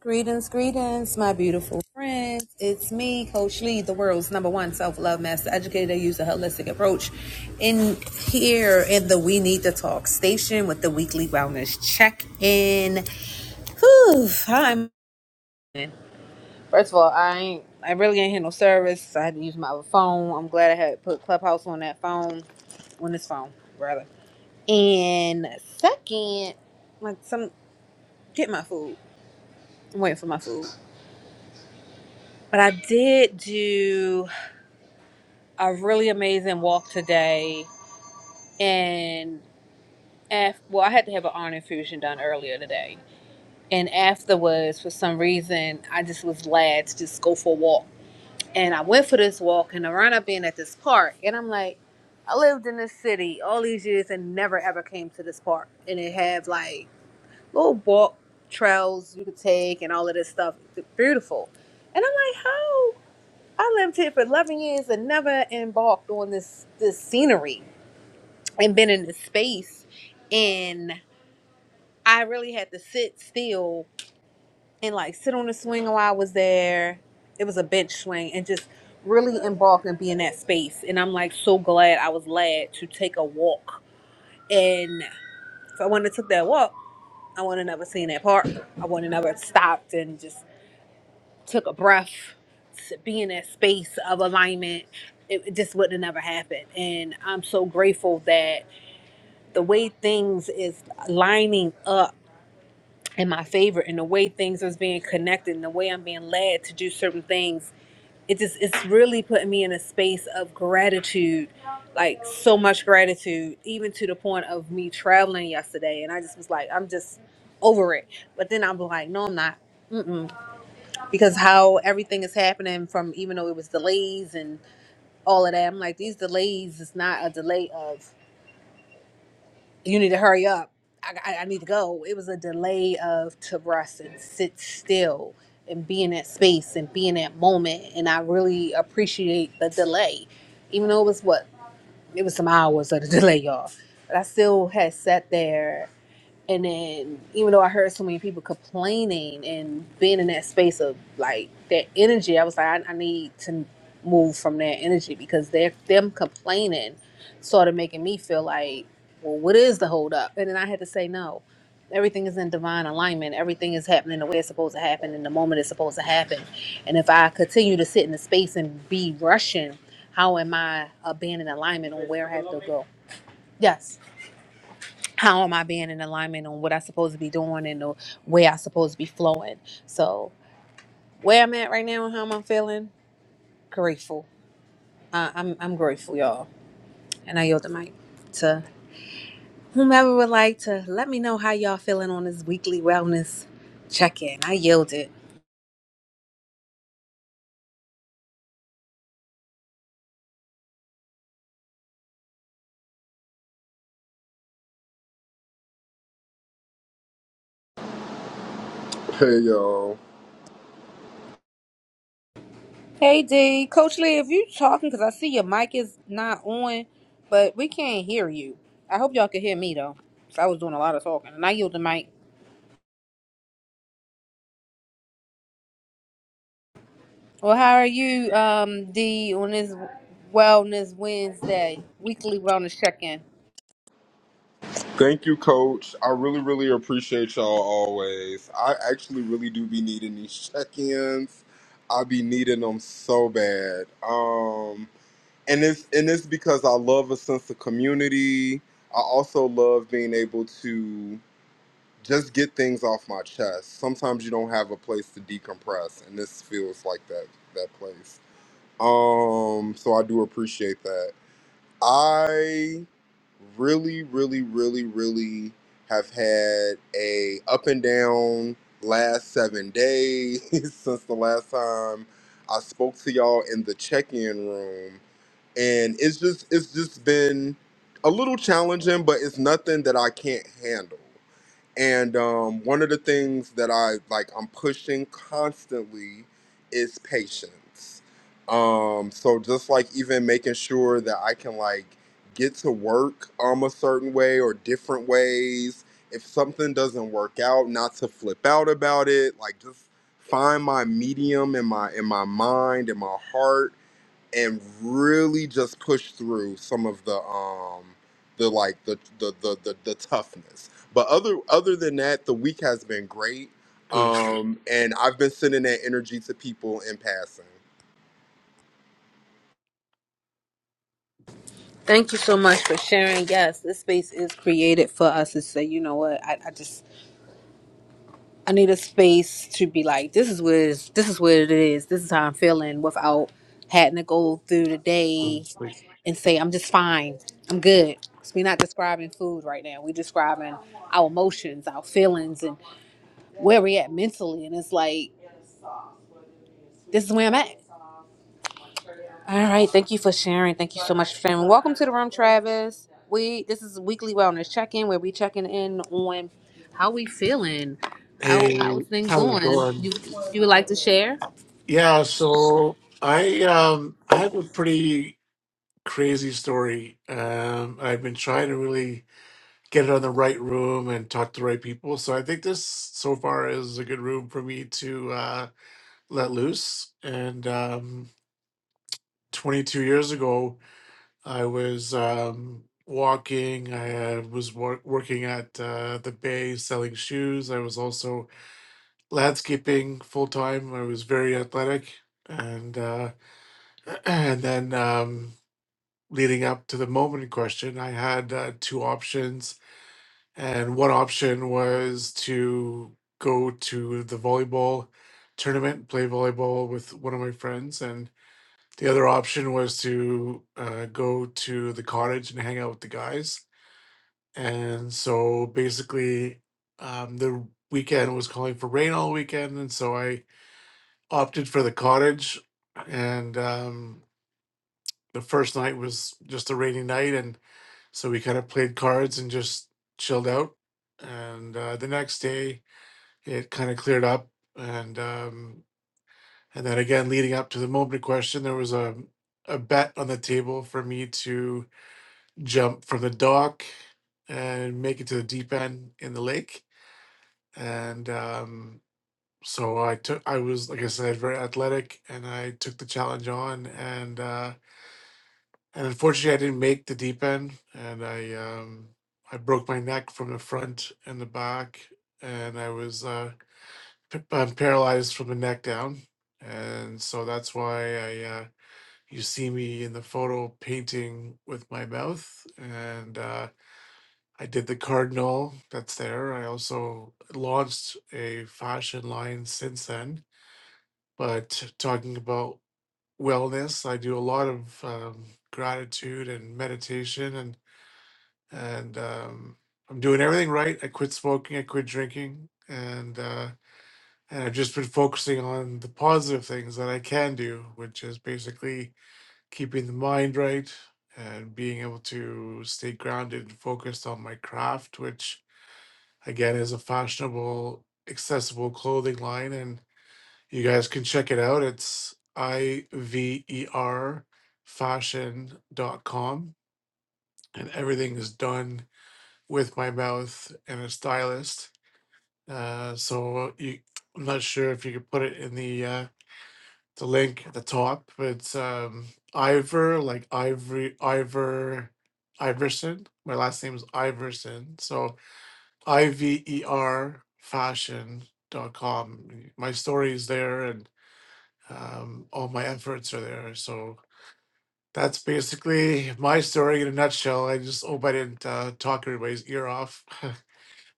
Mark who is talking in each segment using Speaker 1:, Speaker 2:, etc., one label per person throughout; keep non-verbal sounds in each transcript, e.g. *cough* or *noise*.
Speaker 1: Greetings, greetings, my beautiful friends. It's me, Coach Lee, the world's number one self love master educator. Use a holistic approach in here in the We Need to Talk station with the weekly wellness check in. Whew, I'm first of all, I ain't, I really ain't had no service. so I had to use my other phone. I'm glad I had put Clubhouse on that phone, on this phone rather. And second, like some get my food. I'm waiting for my food, but I did do. a really amazing walk today and af- well i had to have an iron infusion done earlier today and afterwards for some reason i just was glad to just go for a walk and i went for this walk and i wound up being at this park and i'm like i lived in this city all these years and never ever came to this park and it had like little walk trails you could take and all of this stuff it's beautiful and i'm like how i lived here for 11 years and never embarked on this this scenery and been in this space and I really had to sit still and like sit on the swing while I was there. It was a bench swing and just really embark and be in that space. And I'm like so glad I was glad to take a walk. And if I wouldn't have took that walk, I wouldn't have never seen that park. I wouldn't have never stopped and just took a breath to be in that space of alignment. It it just wouldn't have never happened. And I'm so grateful that the way things is lining up and my favor and the way things is being connected and the way I'm being led to do certain things. It just it's really putting me in a space of gratitude, like so much gratitude, even to the point of me traveling yesterday. And I just was like, I'm just over it. But then I'm like, no, I'm not. Mm-mm. Because how everything is happening from even though it was delays and all of that, I'm like, these delays is not a delay of you need to hurry up. I, I, I need to go. It was a delay of to rest and sit still and be in that space and be in that moment. And I really appreciate the delay, even though it was what it was some hours of the *laughs* delay, y'all. But I still had sat there and then, even though I heard so many people complaining and being in that space of like that energy, I was like, I, I need to move from that energy because they're them complaining started making me feel like, well, what is the hold up? And then I had to say no. Everything is in divine alignment. Everything is happening the way it's supposed to happen and the moment it's supposed to happen. And if I continue to sit in the space and be rushing, how am I uh, being in alignment on where I have to go? Yes how am I being in alignment on what I'm supposed to be doing and the way I'm supposed to be flowing. So where I'm at right now and how I'm feeling, grateful. Uh, I'm I'm grateful, y'all. And I yield the mic to whomever would like to let me know how y'all feeling on this weekly wellness check-in. I yield it.
Speaker 2: Hey y'all.
Speaker 1: Hey D, Coach Lee, if you talking, cause I see your mic is not on, but we can't hear you. I hope y'all can hear me though. 'cause I was doing a lot of talking, and I yield the mic. Well, how are you, um, D, on this Wellness Wednesday, weekly wellness check in?
Speaker 2: Thank you, coach. I really, really appreciate y'all always. I actually really do be needing these *laughs* check-ins. I be needing them so bad. Um and it's and it's because I love a sense of community. I also love being able to just get things off my chest. Sometimes you don't have a place to decompress, and this feels like that that place. Um, so I do appreciate that. I really, really, really, really have had a up and down last seven days *laughs* since the last time I spoke to y'all in the check-in room. And it's just it's just been a little challenging, but it's nothing that I can't handle. And um, one of the things that I like, I'm pushing constantly is patience. Um, so just like even making sure that I can like get to work um a certain way or different ways. If something doesn't work out, not to flip out about it. Like just find my medium in my in my mind in my heart and really just push through some of the um the like the the the the, the toughness. But other other than that, the week has been great.
Speaker 3: Chris,
Speaker 2: Um and I've been sending that energy to people in passing.
Speaker 1: Thank you so much for sharing. Yes, this space is created for us to say, you know what, I, I just I need a space to be like, this is what it is, this is what it is, this is how I'm feeling without having to go through the day
Speaker 3: It's like,
Speaker 1: and say, I'm just fine, I'm good. 'Cause We're not describing food right now. We're describing our emotions, our feelings, and where we at mentally. And it's like, this is where I'm at. All right, thank you for sharing. Thank you so much for sharing. Welcome to the room, Travis. We this is weekly wellness check-in where we checking in on how we feeling, how how's
Speaker 3: hey,
Speaker 1: things
Speaker 3: how's it
Speaker 1: going. You
Speaker 3: going?
Speaker 1: you would like to share?
Speaker 3: Yeah, so I um I have a pretty crazy story. Um, I've been trying to really get it on the right room and talk to the right people. So I think this so far is a good room for me to uh, let loose. And um, 22 years ago, I was um, walking. I uh, was wor- working at uh, the Bay selling shoes. I was also landscaping full time. I was very athletic, and uh, *clears throat* and then um, leading up to the moment in question, I had uh, two options, and one option was to go to the volleyball tournament, play volleyball with one of my friends, and the other option was to uh, go to the cottage and hang out with the guys. And so basically, um, the weekend was calling for rain all weekend, and so I opted for the cottage, and um, the first night was just a rainy night, and so we kind of played cards and just chilled out. And uh, the next day, it kind of cleared up, and um, and then again, leading up to the Mowbray question, there was a a bet on the table for me to jump from the dock and make it to the deep end in the lake, and um, so I took. I was like I said, very athletic, and I took the challenge on, and. Uh, and unfortunately, I didn't make the deep end, and I um, I broke my neck from the front and the back, and I was uh, p- um, paralyzed from the neck down, and so that's why I uh, you see me in the photo painting with my mouth, and uh, I did the cardinal that's there. I also launched a fashion line since then, but talking about wellness, I do a lot of um, gratitude and meditation and and um, I'm doing everything right. I quit smoking, I quit drinking, and uh, and I've just been focusing on the positive things that I can do, which is basically keeping the mind right and being able to stay grounded and focused on my craft, which again is a fashionable, accessible clothing line, and you guys can check it out. It's I V E R fashion dot com, and everything is done with my mouth and a stylist. Uh, so uh, you, I'm not sure if you could put it in the uh, the link at the top. but It's um, Ivor, like Ivory, Ivor Iverson. My last name is Iverson. So I V E R Fashion dot com. My story is there, and um, all my efforts are there. So. That's basically my story in a nutshell. I just hope I didn't uh, talk everybody's ear off. *laughs*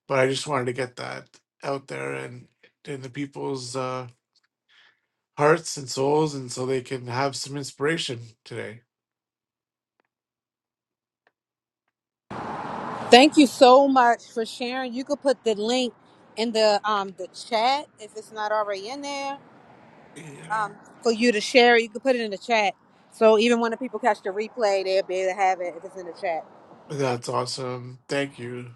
Speaker 3: but I just wanted to get that out there and in the people's uh, hearts and souls, and so they can have some inspiration today.
Speaker 1: Thank you so much for sharing. You could put the link in the um the chat if it's not already in there.
Speaker 3: Yeah,
Speaker 1: Um, for you to share, you could put it in the chat. So even when the people catch the replay, they'll be able to have it if it's in the chat.
Speaker 3: that's awesome. Thank you.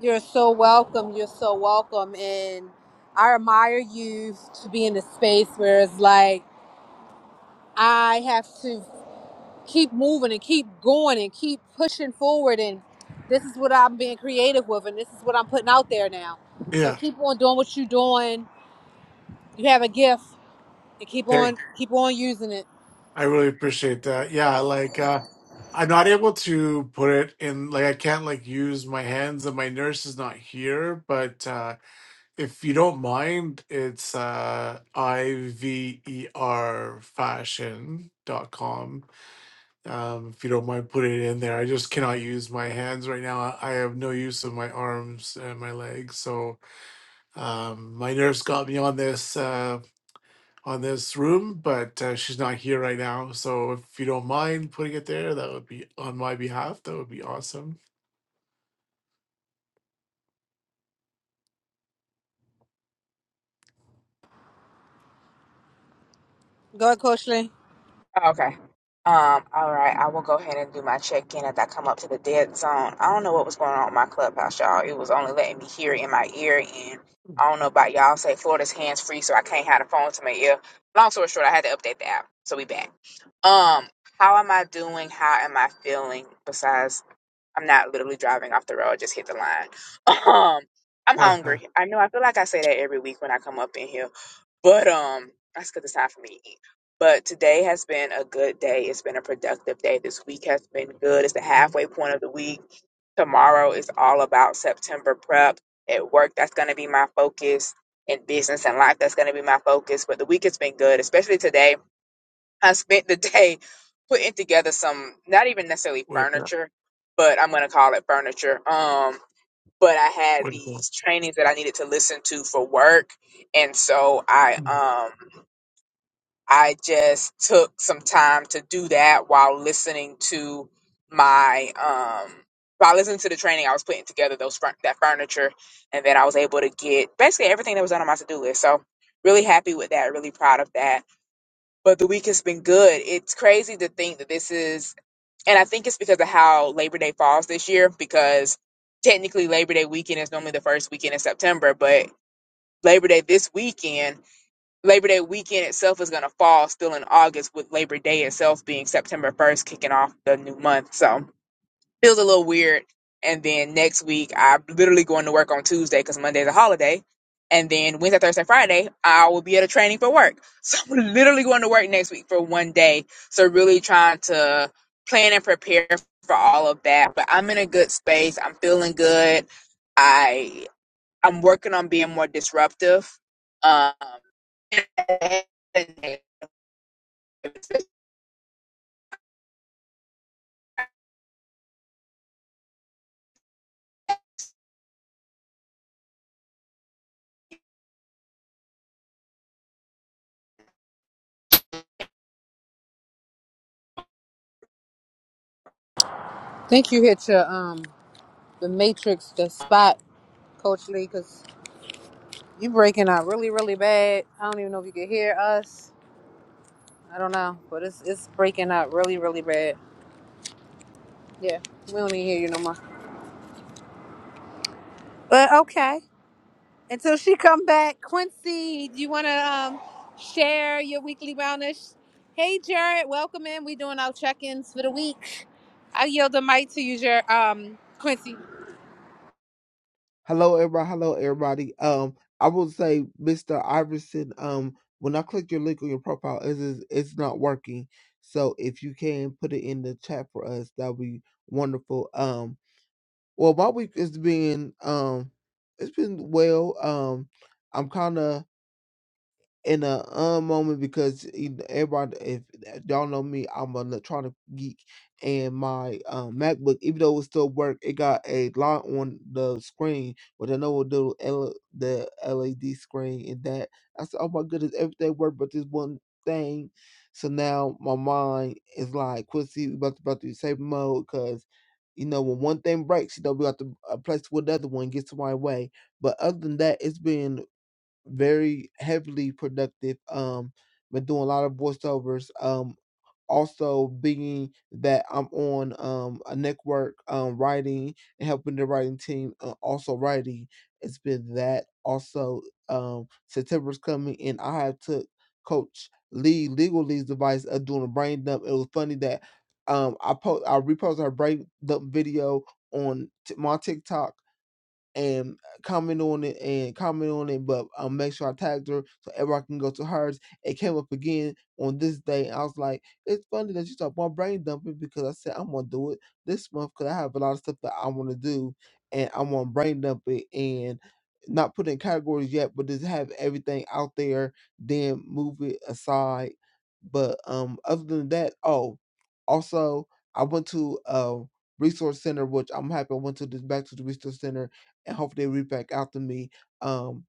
Speaker 1: You're so welcome. You're so welcome. And I admire you to be in a space where it's like, I have to keep moving and keep going and keep pushing forward. And this is what I'm being creative with, and this is what I'm putting out there now. So
Speaker 3: Yeah,
Speaker 1: keep on doing what you're doing. You have a gift, and keep on,
Speaker 3: thank.
Speaker 1: keep on using it.
Speaker 3: I really appreciate that. Yeah, like uh, I'm not able to put it in. Like I can't like use my hands, and my nurse is not here. But uh, if you don't mind, it's uh, I V E R fashion dot com. um, if you don't mind putting it in there. I just cannot use my hands right now. I I have no use of my arms and my legs. So um, my nurse got me on this uh, on this room, but uh, she's not here right now. So if you don't mind putting it there, that would be on my behalf. That would be awesome.
Speaker 1: Go ahead, Coach Lee.
Speaker 4: Oh, Okay. Um, all right, I will go ahead and do my check-in as I come up to the dead zone. I don't know what was going on with my clubhouse, y'all. It was only letting me hear in my ear, and I don't know about y'all. Say Florida's hands-free, so I can't have the phone to my ear. Long story short, I had to update the app, so we back. Um, how am I doing? How am I feeling? Besides, I'm not literally driving off the road; I just hit the line. *laughs* Um, I'm
Speaker 3: *laughs*
Speaker 4: hungry. I know. I feel like I say that every week when I come up in here but um, that's good. It's time for me to eat. But today has been a good day. It's been a productive day. This week has been good. It's the halfway point of the week. Tomorrow is all about September prep at work. That's going to be my focus in business and life. That's going to be my focus. But the week has been good, especially today. I spent the day *laughs* putting together some, not even necessarily
Speaker 3: Wake up!
Speaker 4: furniture, but I'm going to call it furniture. Um, but I had
Speaker 3: Wake up!
Speaker 4: these trainings that I needed to listen to for work and so
Speaker 3: Mm-hmm.
Speaker 4: I um I just took some time to do that while listening to my um while listening to the training I was putting together those fur- that furniture and then I was able to get basically everything that was on my to-do list. So really happy with that, really proud of that. But the week has been good. It's crazy to think that this is and I think it's because of how Labor Day falls this year because technically Labor Day weekend is normally the first weekend in September, but Labor Day this weekend Labor Day weekend itself is going to fall still in August, with Labor Day itself being September 1st, kicking off the new month. So feels a little weird. And then next week, I'm literally going to work on Tuesday because Monday's a holiday. And then Wednesday, Thursday, Friday, I will be at a training for work. *laughs* So I'm literally going to work next week for one day. So really trying to plan and prepare for all of that. But I'm in a good space. I'm feeling good. I I'm working on being more disruptive. Um,
Speaker 1: Think you hit your um the matrix, the spot, Coach Lee, because you breaking out really, really bad. I don't even know if you can hear us. I don't know, but it's it's breaking up really, really bad. Yeah, we don't even hear you no more. But okay, until she come back, Quincy, do you want to um share your weekly wellness? Hey, Jared, welcome in. We doing our check-ins for the week. I yield the mic to you, Jared, um, Quincy,
Speaker 5: Hello, everybody. Hello, everybody. Um, I will say, Mr. Iverson. Um, when I click your link on your profile, it is it's not working. So if you can put it in the chat for us, that'd be wonderful. Um, well, my week has been um, it's been well. Um, I'm kind of in a uh moment because you kn- everybody if eh, y'all know me i'm an electronic geek and my um, macbook even though it still work it got a line on the screen with another little L- the led screen and that i said oh my goodness everything worked but this one thing so now my mind is like quincy we about to, about to be safe mode because you know when one thing breaks you know we got to uh, place with another one gets to my way but other than that it's been very heavily productive. Um, been doing a lot of voiceovers. Um, also being that I'm on um a network um writing and helping the writing team. Uh, also writing. It's been that. Also, um, September's coming and I have took Coach Lee Legal Lee's advice of doing a brain dump. It was funny that um I post I reposted her brain dump video on t- my TikTok and uh, comment on it and comment on it, but um, make sure I tagged her so everyone can go to hers. It came up again on this day. I was like, it's funny that you talk about brain dumping because I said I'm gonna do it this month because I have a lot of stuff that I want to do and I want to brain dump it and not put in categories yet, but just have everything out there, then move it aside. But um, other than that, oh, also I went to a resource center, which I'm happy I went to this back to the resource center and hope they read back out to me. Um,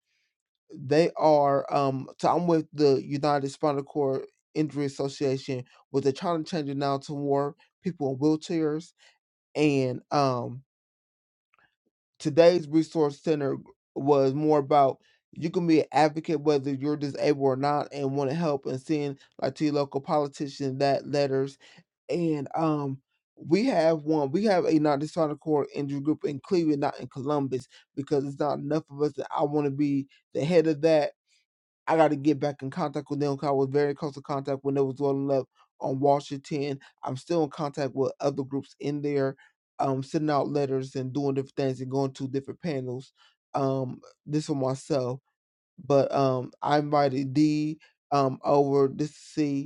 Speaker 5: they are um, so I'm with the United Spinal Cord Injury Association, where they're trying to change it now to more people in wheelchairs. And um, today's resource center was more about you can be an advocate whether you're disabled or not and want to help and send like to your local politician that letters and um we have one we have a non-dishonored core injury group in cleveland not in columbus because it's not enough of us that i want to be the head of that i got to get back in contact with them 'cause i was very in close to contact when there was one left on washington i'm still in contact with other groups in there um sending out letters and doing different things and going to different panels um this for myself but um i invited d um over this to see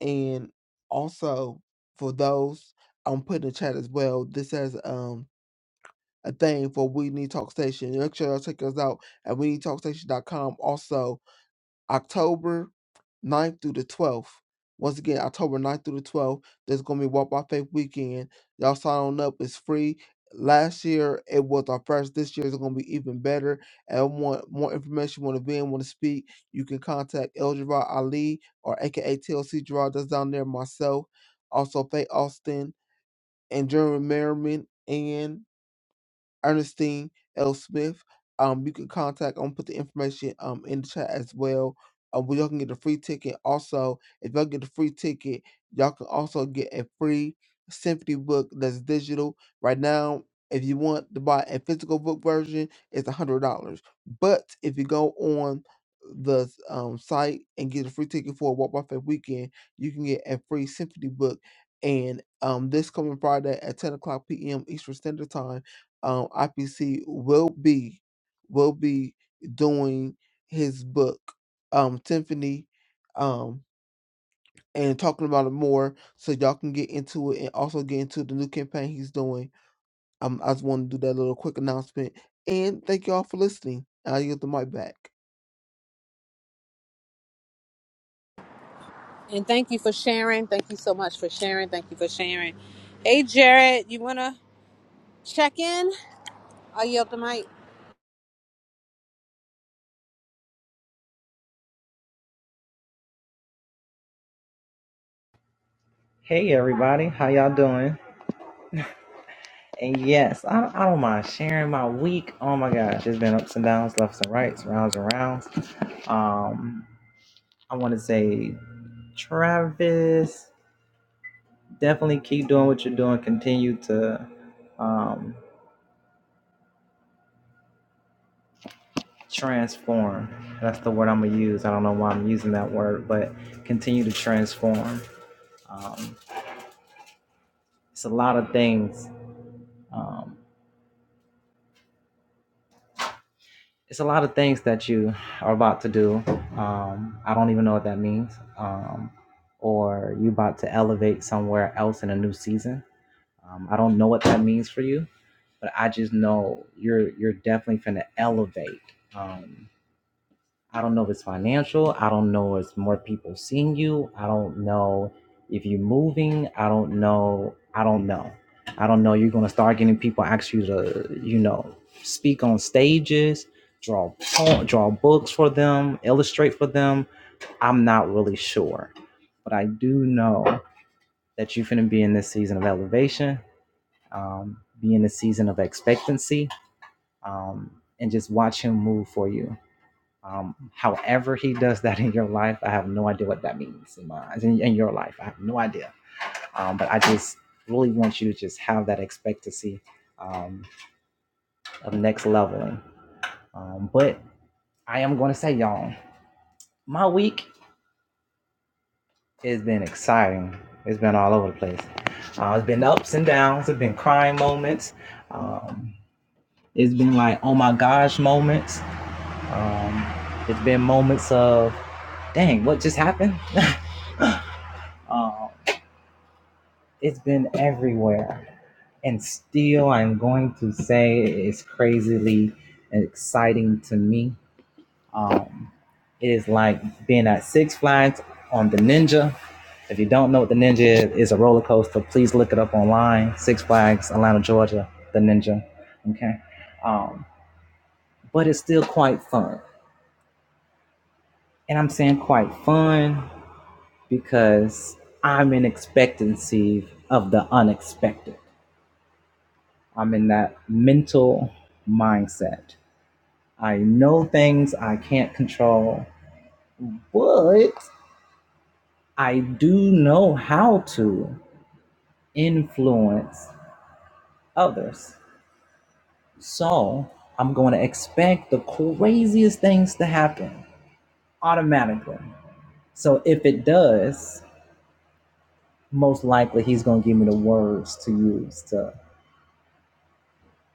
Speaker 5: and also for those, I'm putting in the chat as well. This has um a thing for We Need Talk Station. Make sure y'all check us out at we need talk station.com. Also, October ninth through the 12th. Once again, October ninth through the 12th, there's going to be Walk by Faith weekend. Y'all sign on up. It's free. Last year, it was our first. This year is going to be even better. And want more information, want to be in, want to speak, you can contact El Gerard Ali or AKA TLC Gerard. That's down there, myself. Also, Faye Austin and Jeremy Merriman. and. Ernestine L. Smith. Um, you can contact. I'm gonna put the information um in the chat as well. Uh, where y'all can get a free ticket. Also, if y'all get a free ticket, y'all can also get a free symphony book that's digital right now. If you want to buy a physical book version, it's a hundred dollars. But if you go on the um, site and get a free ticket for Walk by Faith weekend, you can get a free symphony book. And um, this coming Friday at ten o'clock p.m. Eastern Standard Time um, IPC will be will be doing his book, um, Symphony, um, and talking about it more so y'all can get into it and also get into the new campaign he's doing. Um, I just want to do that little quick announcement and thank y'all for listening. I will get the mic back.
Speaker 1: and thank you for sharing. Thank you so much for sharing. Thank you for sharing. Hey, Jared, you want to check in? I yield the mic.
Speaker 6: Hey everybody, how y'all doing? And yes, I, I don't mind sharing my week. Oh my gosh, it's been ups and downs, lefts and rights, rounds and rounds. Um, I want to say, Travis, definitely keep doing what you're doing. Continue to um, transform. That's the word I'm gonna use. I don't know why I'm using that word, but continue to transform. Um, it's a lot of things. Um, it's a lot of things that you are about to do. Um, I don't even know what that means. Um, or you about to elevate somewhere else in a new season. Um, I don't know what that means for you, but I just know you're you're definitely going to elevate. Um, I don't know if it's financial. I don't know if it's more people seeing you. I don't know if you're moving. I don't know. I don't know. I don't know. You're gonna start getting people ask you to, you know, speak on stages, draw po- draw books for them, illustrate for them. I'm not really sure, but I do know that you're gonna be in this season of elevation, um, be in the season of expectancy, um, and just watch him move for you um, however, he does that in your life, I have no idea what that means in my eyes, in, in your life. I have no idea. Um, but I just really want you to just have that expectancy um, of next leveling. Um, but I am going to say, y'all, my week has been exciting. It's been all over the place. Uh, it's been ups and downs. It's been crying moments. Um, it's been like, oh my gosh moments. Um, it's been moments of, dang, what just happened? *laughs* um, It's been everywhere. And still, I'm going to say it's crazily exciting to me. Um, it is like being at Six Flags on the Ninja. If you don't know what the Ninja is, it's a roller coaster. Please look it up online. Six Flags, Atlanta, Georgia, the Ninja. Okay. Um, but it's still quite fun. And I'm saying quite fun because I'm in expectancy of the unexpected. I'm in that mental mindset. I know things I can't control, but I do know how to influence others. So I'm going to expect the craziest things to happen automatically. So if it does, most likely he's going to give me the words to use to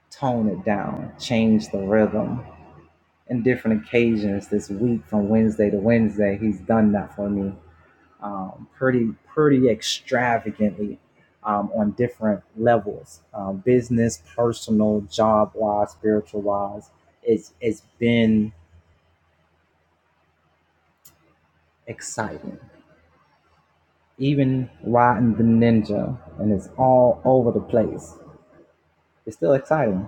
Speaker 6: tone it down, change the rhythm, in different occasions this week from Wednesday to Wednesday. He's done that for me um, pretty pretty extravagantly um, on different levels, um, business, personal, job wise, spiritual wise. It's it's been exciting. Even riding the ninja, and it's all over the place. It's still exciting.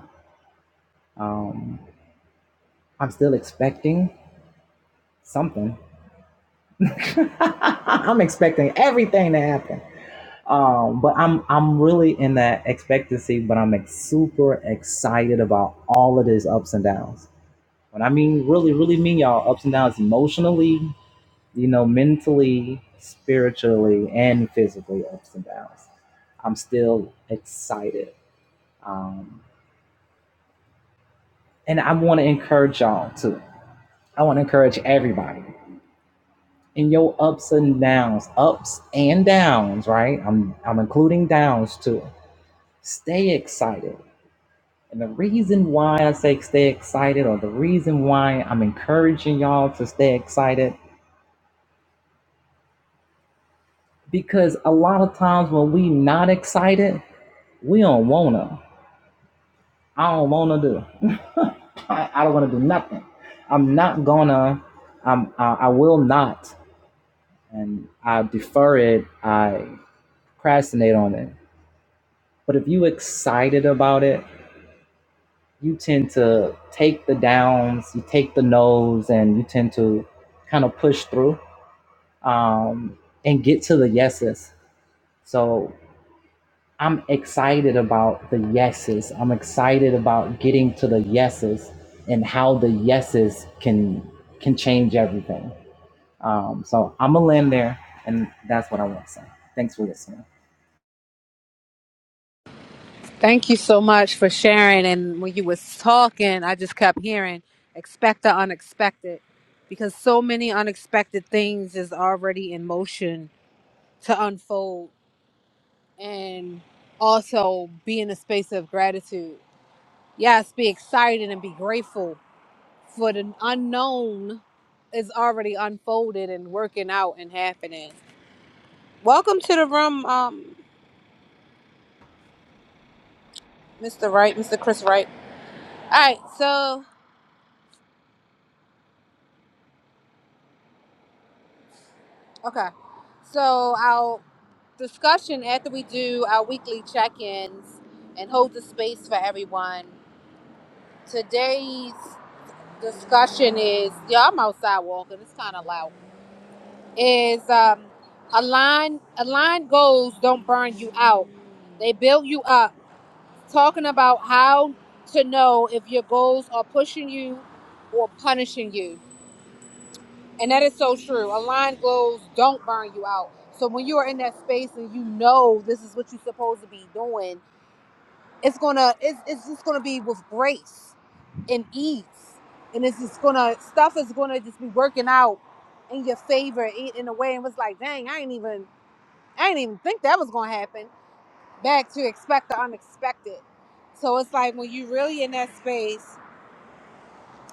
Speaker 6: Um, I'm still expecting something. *laughs* I'm expecting everything to happen. Um, but I'm I'm really in that expectancy, but I'm ex- super excited about all of these ups and downs. When I mean really, really mean y'all ups and downs emotionally, you know, mentally, spiritually, and physically ups and downs. I'm still excited. Um, and I want to encourage y'all too. I want to encourage everybody in your ups and downs, ups and downs, right? I'm I'm including downs too. Stay excited And the reason why I say stay excited, or the reason why I'm encouraging y'all to stay excited, because a lot of times when we not excited, we don't wanna. I don't wanna do. *laughs* I, I don't wanna do nothing. I'm not gonna. I'm. I, I will not. And I defer it. I procrastinate on it. But if you excited about it, you tend to take the downs, you take the no's, and you tend to kind of push through um, and get to the yeses. So I'm excited about the yeses. I'm excited about getting to the yeses and how the yeses can can change everything. Um, so I'm gonna land there, and that's what I want to say. Thanks for listening.
Speaker 1: Thank you so much for sharing. And when you was talking, I just kept hearing expect the unexpected because so many unexpected things is already in motion to unfold and also be in a space of gratitude. Yes, be excited and be grateful for the unknown is already unfolded and working out and happening. Welcome to the room, um, Mr. Wright, Mr. Chris Wright. All right, so okay. So I'll discussion after we do our weekly check-ins and hold the space for everyone. Today's discussion is yeah, I'm outside walking. It's kind of loud. Is um, align align goals don't burn you out. They build you up. Talking about how to know if your goals are pushing you or punishing you, and that is so true. Align goals don't burn you out. So when you are in that space and you know this is what you're supposed to be doing it's gonna it's, it's just gonna be with grace and ease and it's just gonna stuff is gonna just be working out in your favor in, in a way and was like dang i ain't even i ain't even think that was gonna happen back to expect the unexpected so it's like when you really in that space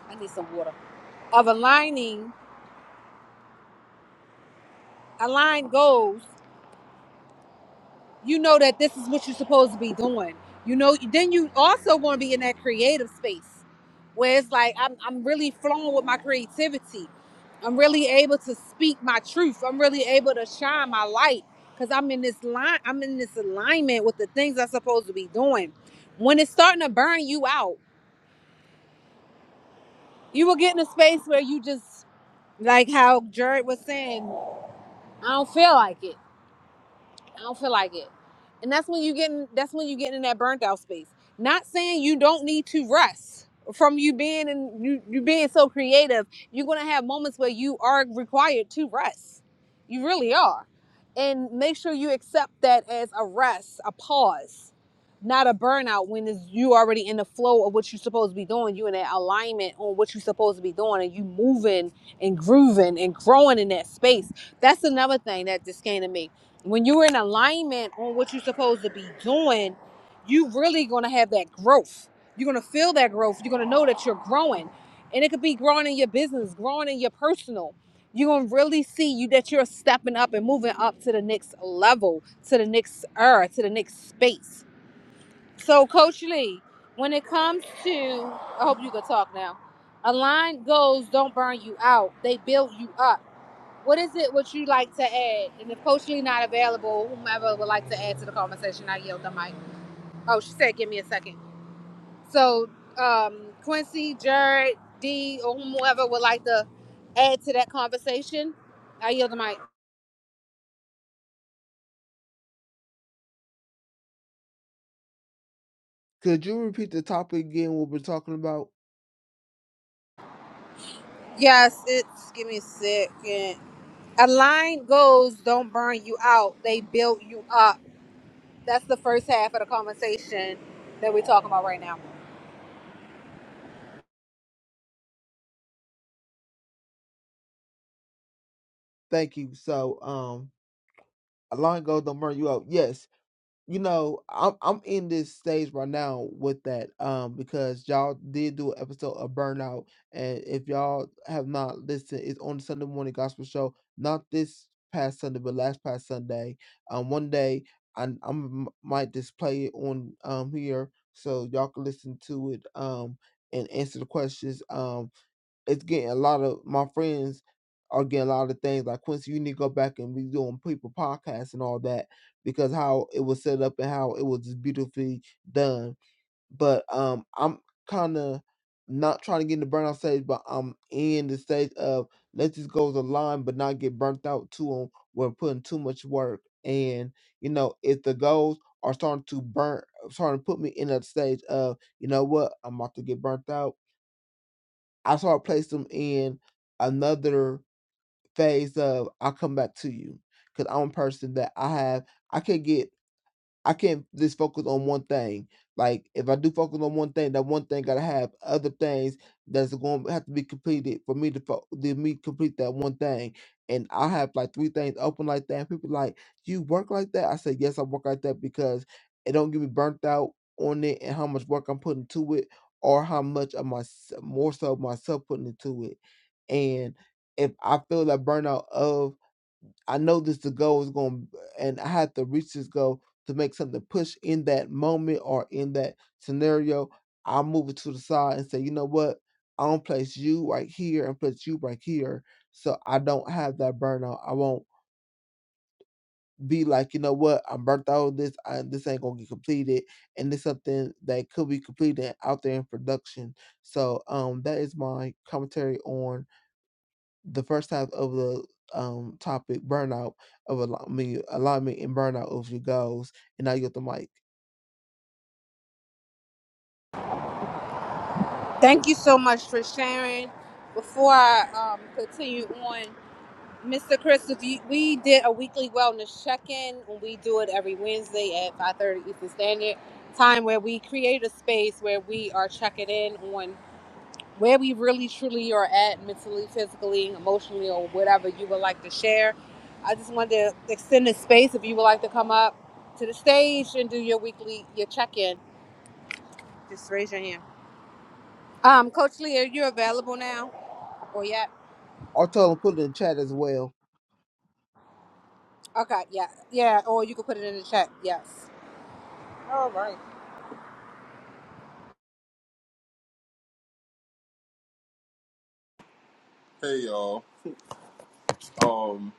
Speaker 1: i need some water of aligning aligned goals you know that this is what you're supposed to be doing. You know, then you also want to be in that creative space where it's like I'm I'm really flowing with my creativity. I'm really able to speak my truth. I'm really able to shine my light because I'm in this line. I'm in this alignment with the things I'm supposed to be doing. When it's starting to burn you out, you will get in a space where you just like how Jared was saying, I don't feel like it I don't feel like it. And that's when you getting that's when you getting in that burnt out space. Not saying you don't need to rest from you being and you, you being so creative. You're gonna have moments where you are required to rest. You really are. And make sure you accept that as a rest, a pause, not a burnout when it's, you already in the flow of what you're supposed to be doing. You in that alignment on what you're supposed to be doing and you moving and grooving and growing in that space. That's another thing that this came to me when you're in alignment on what you're supposed to be doing, you really gonna have that growth. You're gonna feel that growth. You're gonna know that you're growing, and it could be growing in your business, growing in your personal. You're gonna really see you that you're stepping up and moving up to the next level, to the next era, to the next space. So, Coach Lee, when it comes to, I hope you can talk now. Align goals don't burn you out; they build you up. What is it what you like to add? And if Coach Lee not available, whomever would like to add to the conversation, I yield the mic. Oh, she said, give me a second. So, um, Quincy, Jared, D, or whomever would like to add to that conversation, I yield the mic.
Speaker 5: Could you repeat the topic again? What we're talking about?
Speaker 1: Yes, it's, give me a second. Align goals don't burn you out, they build you up. That's the first half of the conversation that we're talking about right now.
Speaker 5: Thank you. So, um, a line goes, don't burn you out. Yes. you know, I'm I'm in this stage right now with that um because y'all did do an episode of Burnout, and if y'all have not listened, it's on the Sunday morning gospel show. Not this past Sunday, but last past Sunday. Um, one day I I'm, might just play it on um here so y'all can listen to it um and answer the questions. um it's getting a lot of my friends are getting a lot of things like Quincy, you need to go back and be doing people podcasts and all that because how it was set up and how it was just beautifully done. But um I'm kinda not trying to get in the burnout stage, but I'm in the stage of let's just go the line but not get burnt out too on when putting too much work. And, you know, if the goals are starting to burn starting to put me in that stage of, you know what, I'm about to get burnt out I sort of place them in another phase of I'll come back to you. Cause I'm a person that I have I could get I can't just focus on one thing. Like if I do focus on one thing, that one thing gotta have other things that's going to have to be completed for me to fo- to me complete that one thing. And I have like three things open like that. And people like, "Do you work like that? I said, yes, I work like that because it don't get me burnt out on it and how much work I'm putting to it, or how much of my more so myself putting into it. And if I feel that burnout of I know this the goal is going, and I have to reach this goal to make something push in that moment or in that scenario. I'll move it to the side and say, you know what? I don't place you right here and place you right here, so I don't have that burnout. I won't be like, you know what? I'm burnt out. with This I, this ain't gonna get completed, and it's something that could be completed out there in production. So, um, that is my commentary on the first half of the um topic burnout of al- alignment and burnout of your goals and now you got the mic
Speaker 1: Thank you so much for sharing. Before I um, continue on, Mr. Chris, we did a weekly wellness check-in. We do it every Wednesday at 5:30 Eastern Standard Time, where we create a space where we are checking in on where we really truly are at mentally, physically, emotionally, or whatever you would like to share. I just wanted to extend the space if you would like to come up to the stage and do your weekly your check-in. Just raise your hand. Um, Coach Lee, are you available now? Or yeah?
Speaker 5: or tell them put it in chat as well
Speaker 1: Okay, yeah, yeah. Or you can put it in the chat. Yes.
Speaker 2: Hey y'all. Um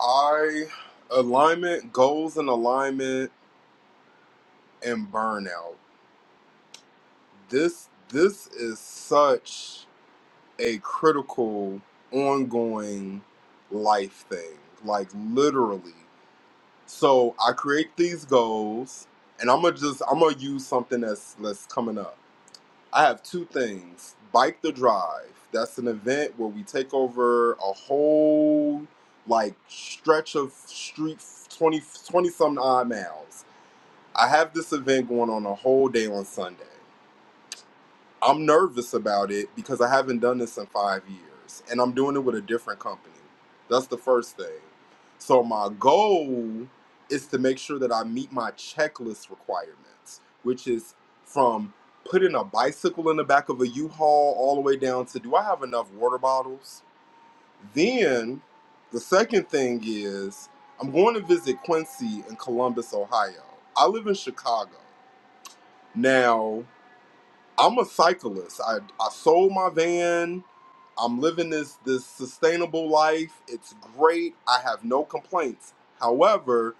Speaker 2: I alignment, goals and alignment and burnout. This this is such a critical ongoing life thing. Like literally. So I create these goals, and I'm gonna just I'm gonna use something that's that's coming up. I have two things: bike the drive. That's an event where we take over a whole like stretch of street 20 20 some odd miles. I have this event going on a whole day on Sunday. I'm nervous about it because I haven't done this in five years and I'm doing it with a different company. That's the first thing. So, my goal is to make sure that I meet my checklist requirements, which is from putting a bicycle in the back of a U Haul all the way down to do I have enough water bottles? Then, the second thing is I'm going to visit Quincy in Columbus, Ohio. I live in Chicago. Now, I'm a cyclist. I I sold my van. I'm living this this sustainable life. It's great. I have no complaints. However,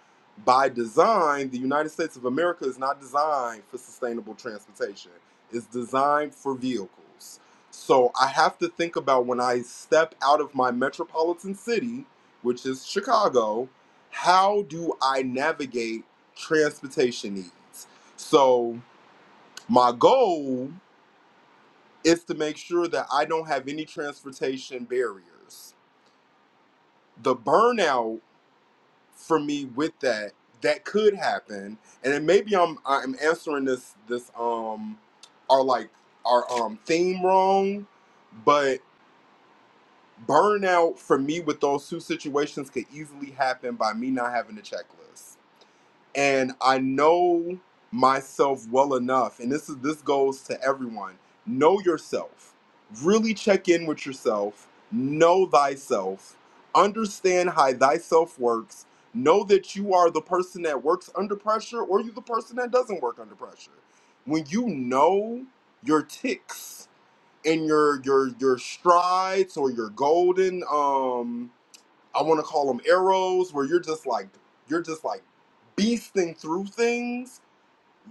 Speaker 2: by design, the United States of America is not designed for sustainable transportation. It's designed for vehicles. So I have to think about when I step out of my metropolitan city, which is Chicago, how do I navigate transportation needs? So my goal is to make sure that I don't have any transportation barriers. The burnout for me with that that could happen, and then maybe I'm I'm answering this this um our like our um theme wrong, but burnout for me with those two situations could easily happen by me not having a checklist. and I know myself well enough, and this is this goes to everyone. Know yourself. Really check in with yourself. Know thyself. Understand how thyself works. Know that you are the person that works under pressure, or you the person that doesn't work under pressure. When you know your ticks and your your your strides or your golden um I want to call them arrows, where you're just like you're just like beasting through things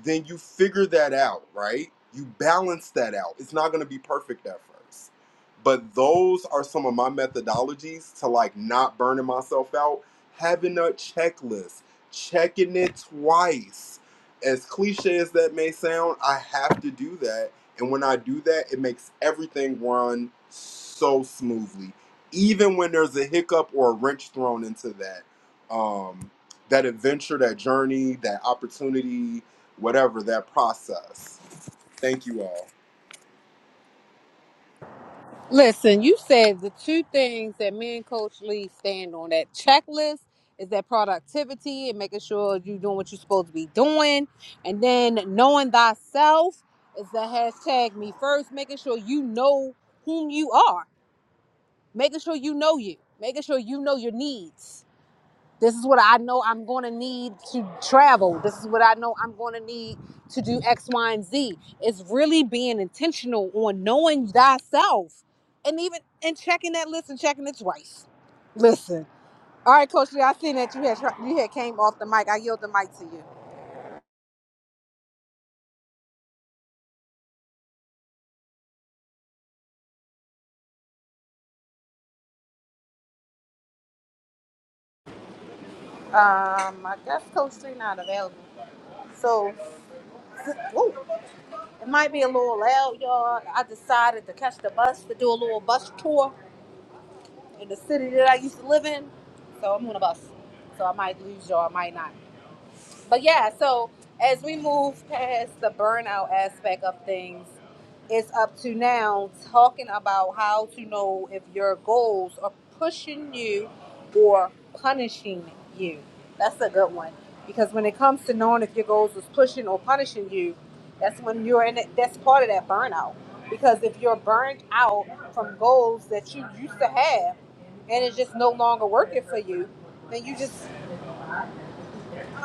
Speaker 2: then you figure that out, right? You balance that out. It's not going to be perfect at first. But those are some of my methodologies to like not burning myself out. Having a checklist, checking it twice. As cliche as that may sound, I have to do that. And when I do that, it makes everything run so smoothly. Even when there's a hiccup or a wrench thrown into that, um, that adventure, that journey, that opportunity, whatever that process. Thank you all.
Speaker 1: Listen, you said the two things that me and Coach Lee stand on that checklist is that productivity and making sure you're doing what you're supposed to be doing. And then knowing thyself is the hashtag me first, making sure you know whom you are, making sure you know you, making sure you know your needs. This is what I know I'm going to need to travel. This is what I know I'm going to need to do X, Y, and Z. It's really being intentional on knowing thyself and even and checking that list and checking it twice. Listen. All right, Coach Lee, I seen that you had you had came off the mic. I yield the mic to you. Um, I guess Coach Three not available. So, ooh, it might be a little loud, y'all. I decided to catch the bus to do a little bus tour. in the city that I used to live in. So I'm on a bus. So I might lose y'all, I might not. But yeah, so as we move past the burnout aspect of things, it's up to now talking about how to know if your goals are pushing you or punishing you. That's a good one because when it comes to knowing if your goals is pushing or punishing you, that's when you're in it. That's part of that burnout because if you're burned out from goals that you used to have and it's just no longer working for you, then you just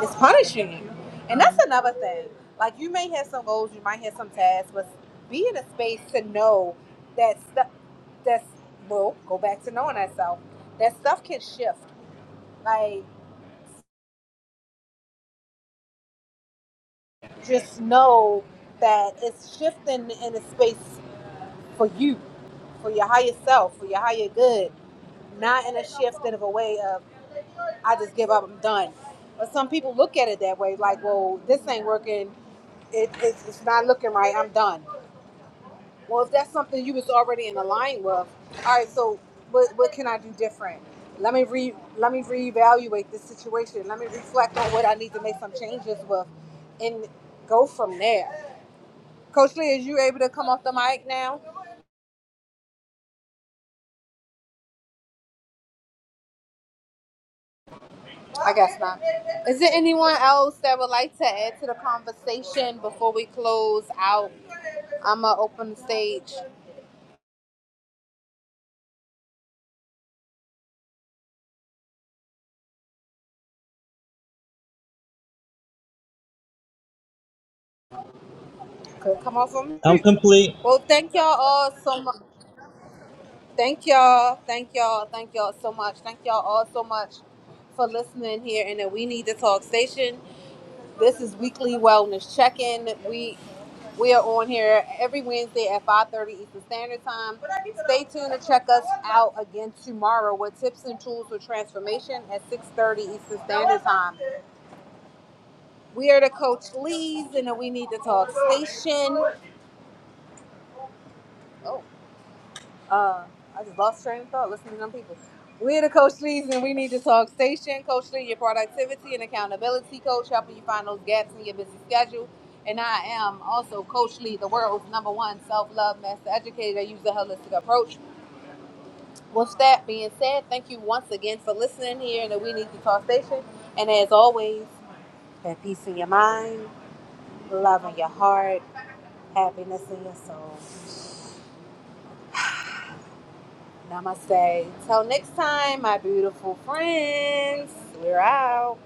Speaker 1: it's punishing you. And that's another thing. Like you may have some goals, you might have some tasks, but be in a space to know that stuff that's well, go back to knowing thyself. That stuff can shift. Like just know that it's shifting in a space for you, for your higher self, for your higher good. Not in a shift in of a way of I just give up, I'm done. But some people look at it that way, like, well, this ain't working. It, it's, it's not looking right. I'm done. Well, if that's something you was already in line with, all right. So, what what can I do different? Let me re let me reevaluate this situation. Let me reflect on what I need to make some changes with, and go from there. Coach Lee, is you able to come off the mic now? I guess not. Is there anyone else that would like to add to the conversation before we close out? I'ma open the stage. Could come off from me. Well, thank y'all all so much. Thank y'all. Thank y'all. Thank y'all so much. Thank y'all all so much for listening here in the We Need to Talk station. This is weekly wellness check-in. We we are on here every Wednesday at 5:30 Eastern Standard Time. Stay tuned to check us out again tomorrow with tips and tools for transformation at 6:30 Eastern Standard Time. We are the Coach Lees in the We Need to Talk station. Oh, Uh, I just lost train of thought listening to them people. We're the Coach Lee's and we need to talk station. Coach Lee, your productivity and accountability coach, helping you find those gaps in your busy schedule. And I am also Coach Lee, the world's number one self love master educator. I use a holistic approach. With that being said, thank you once again for listening here in the We Need to Talk station. And as always, have peace in your mind, love in your heart, happiness in your soul. Namaste. Till next time, my beautiful friends. We're out.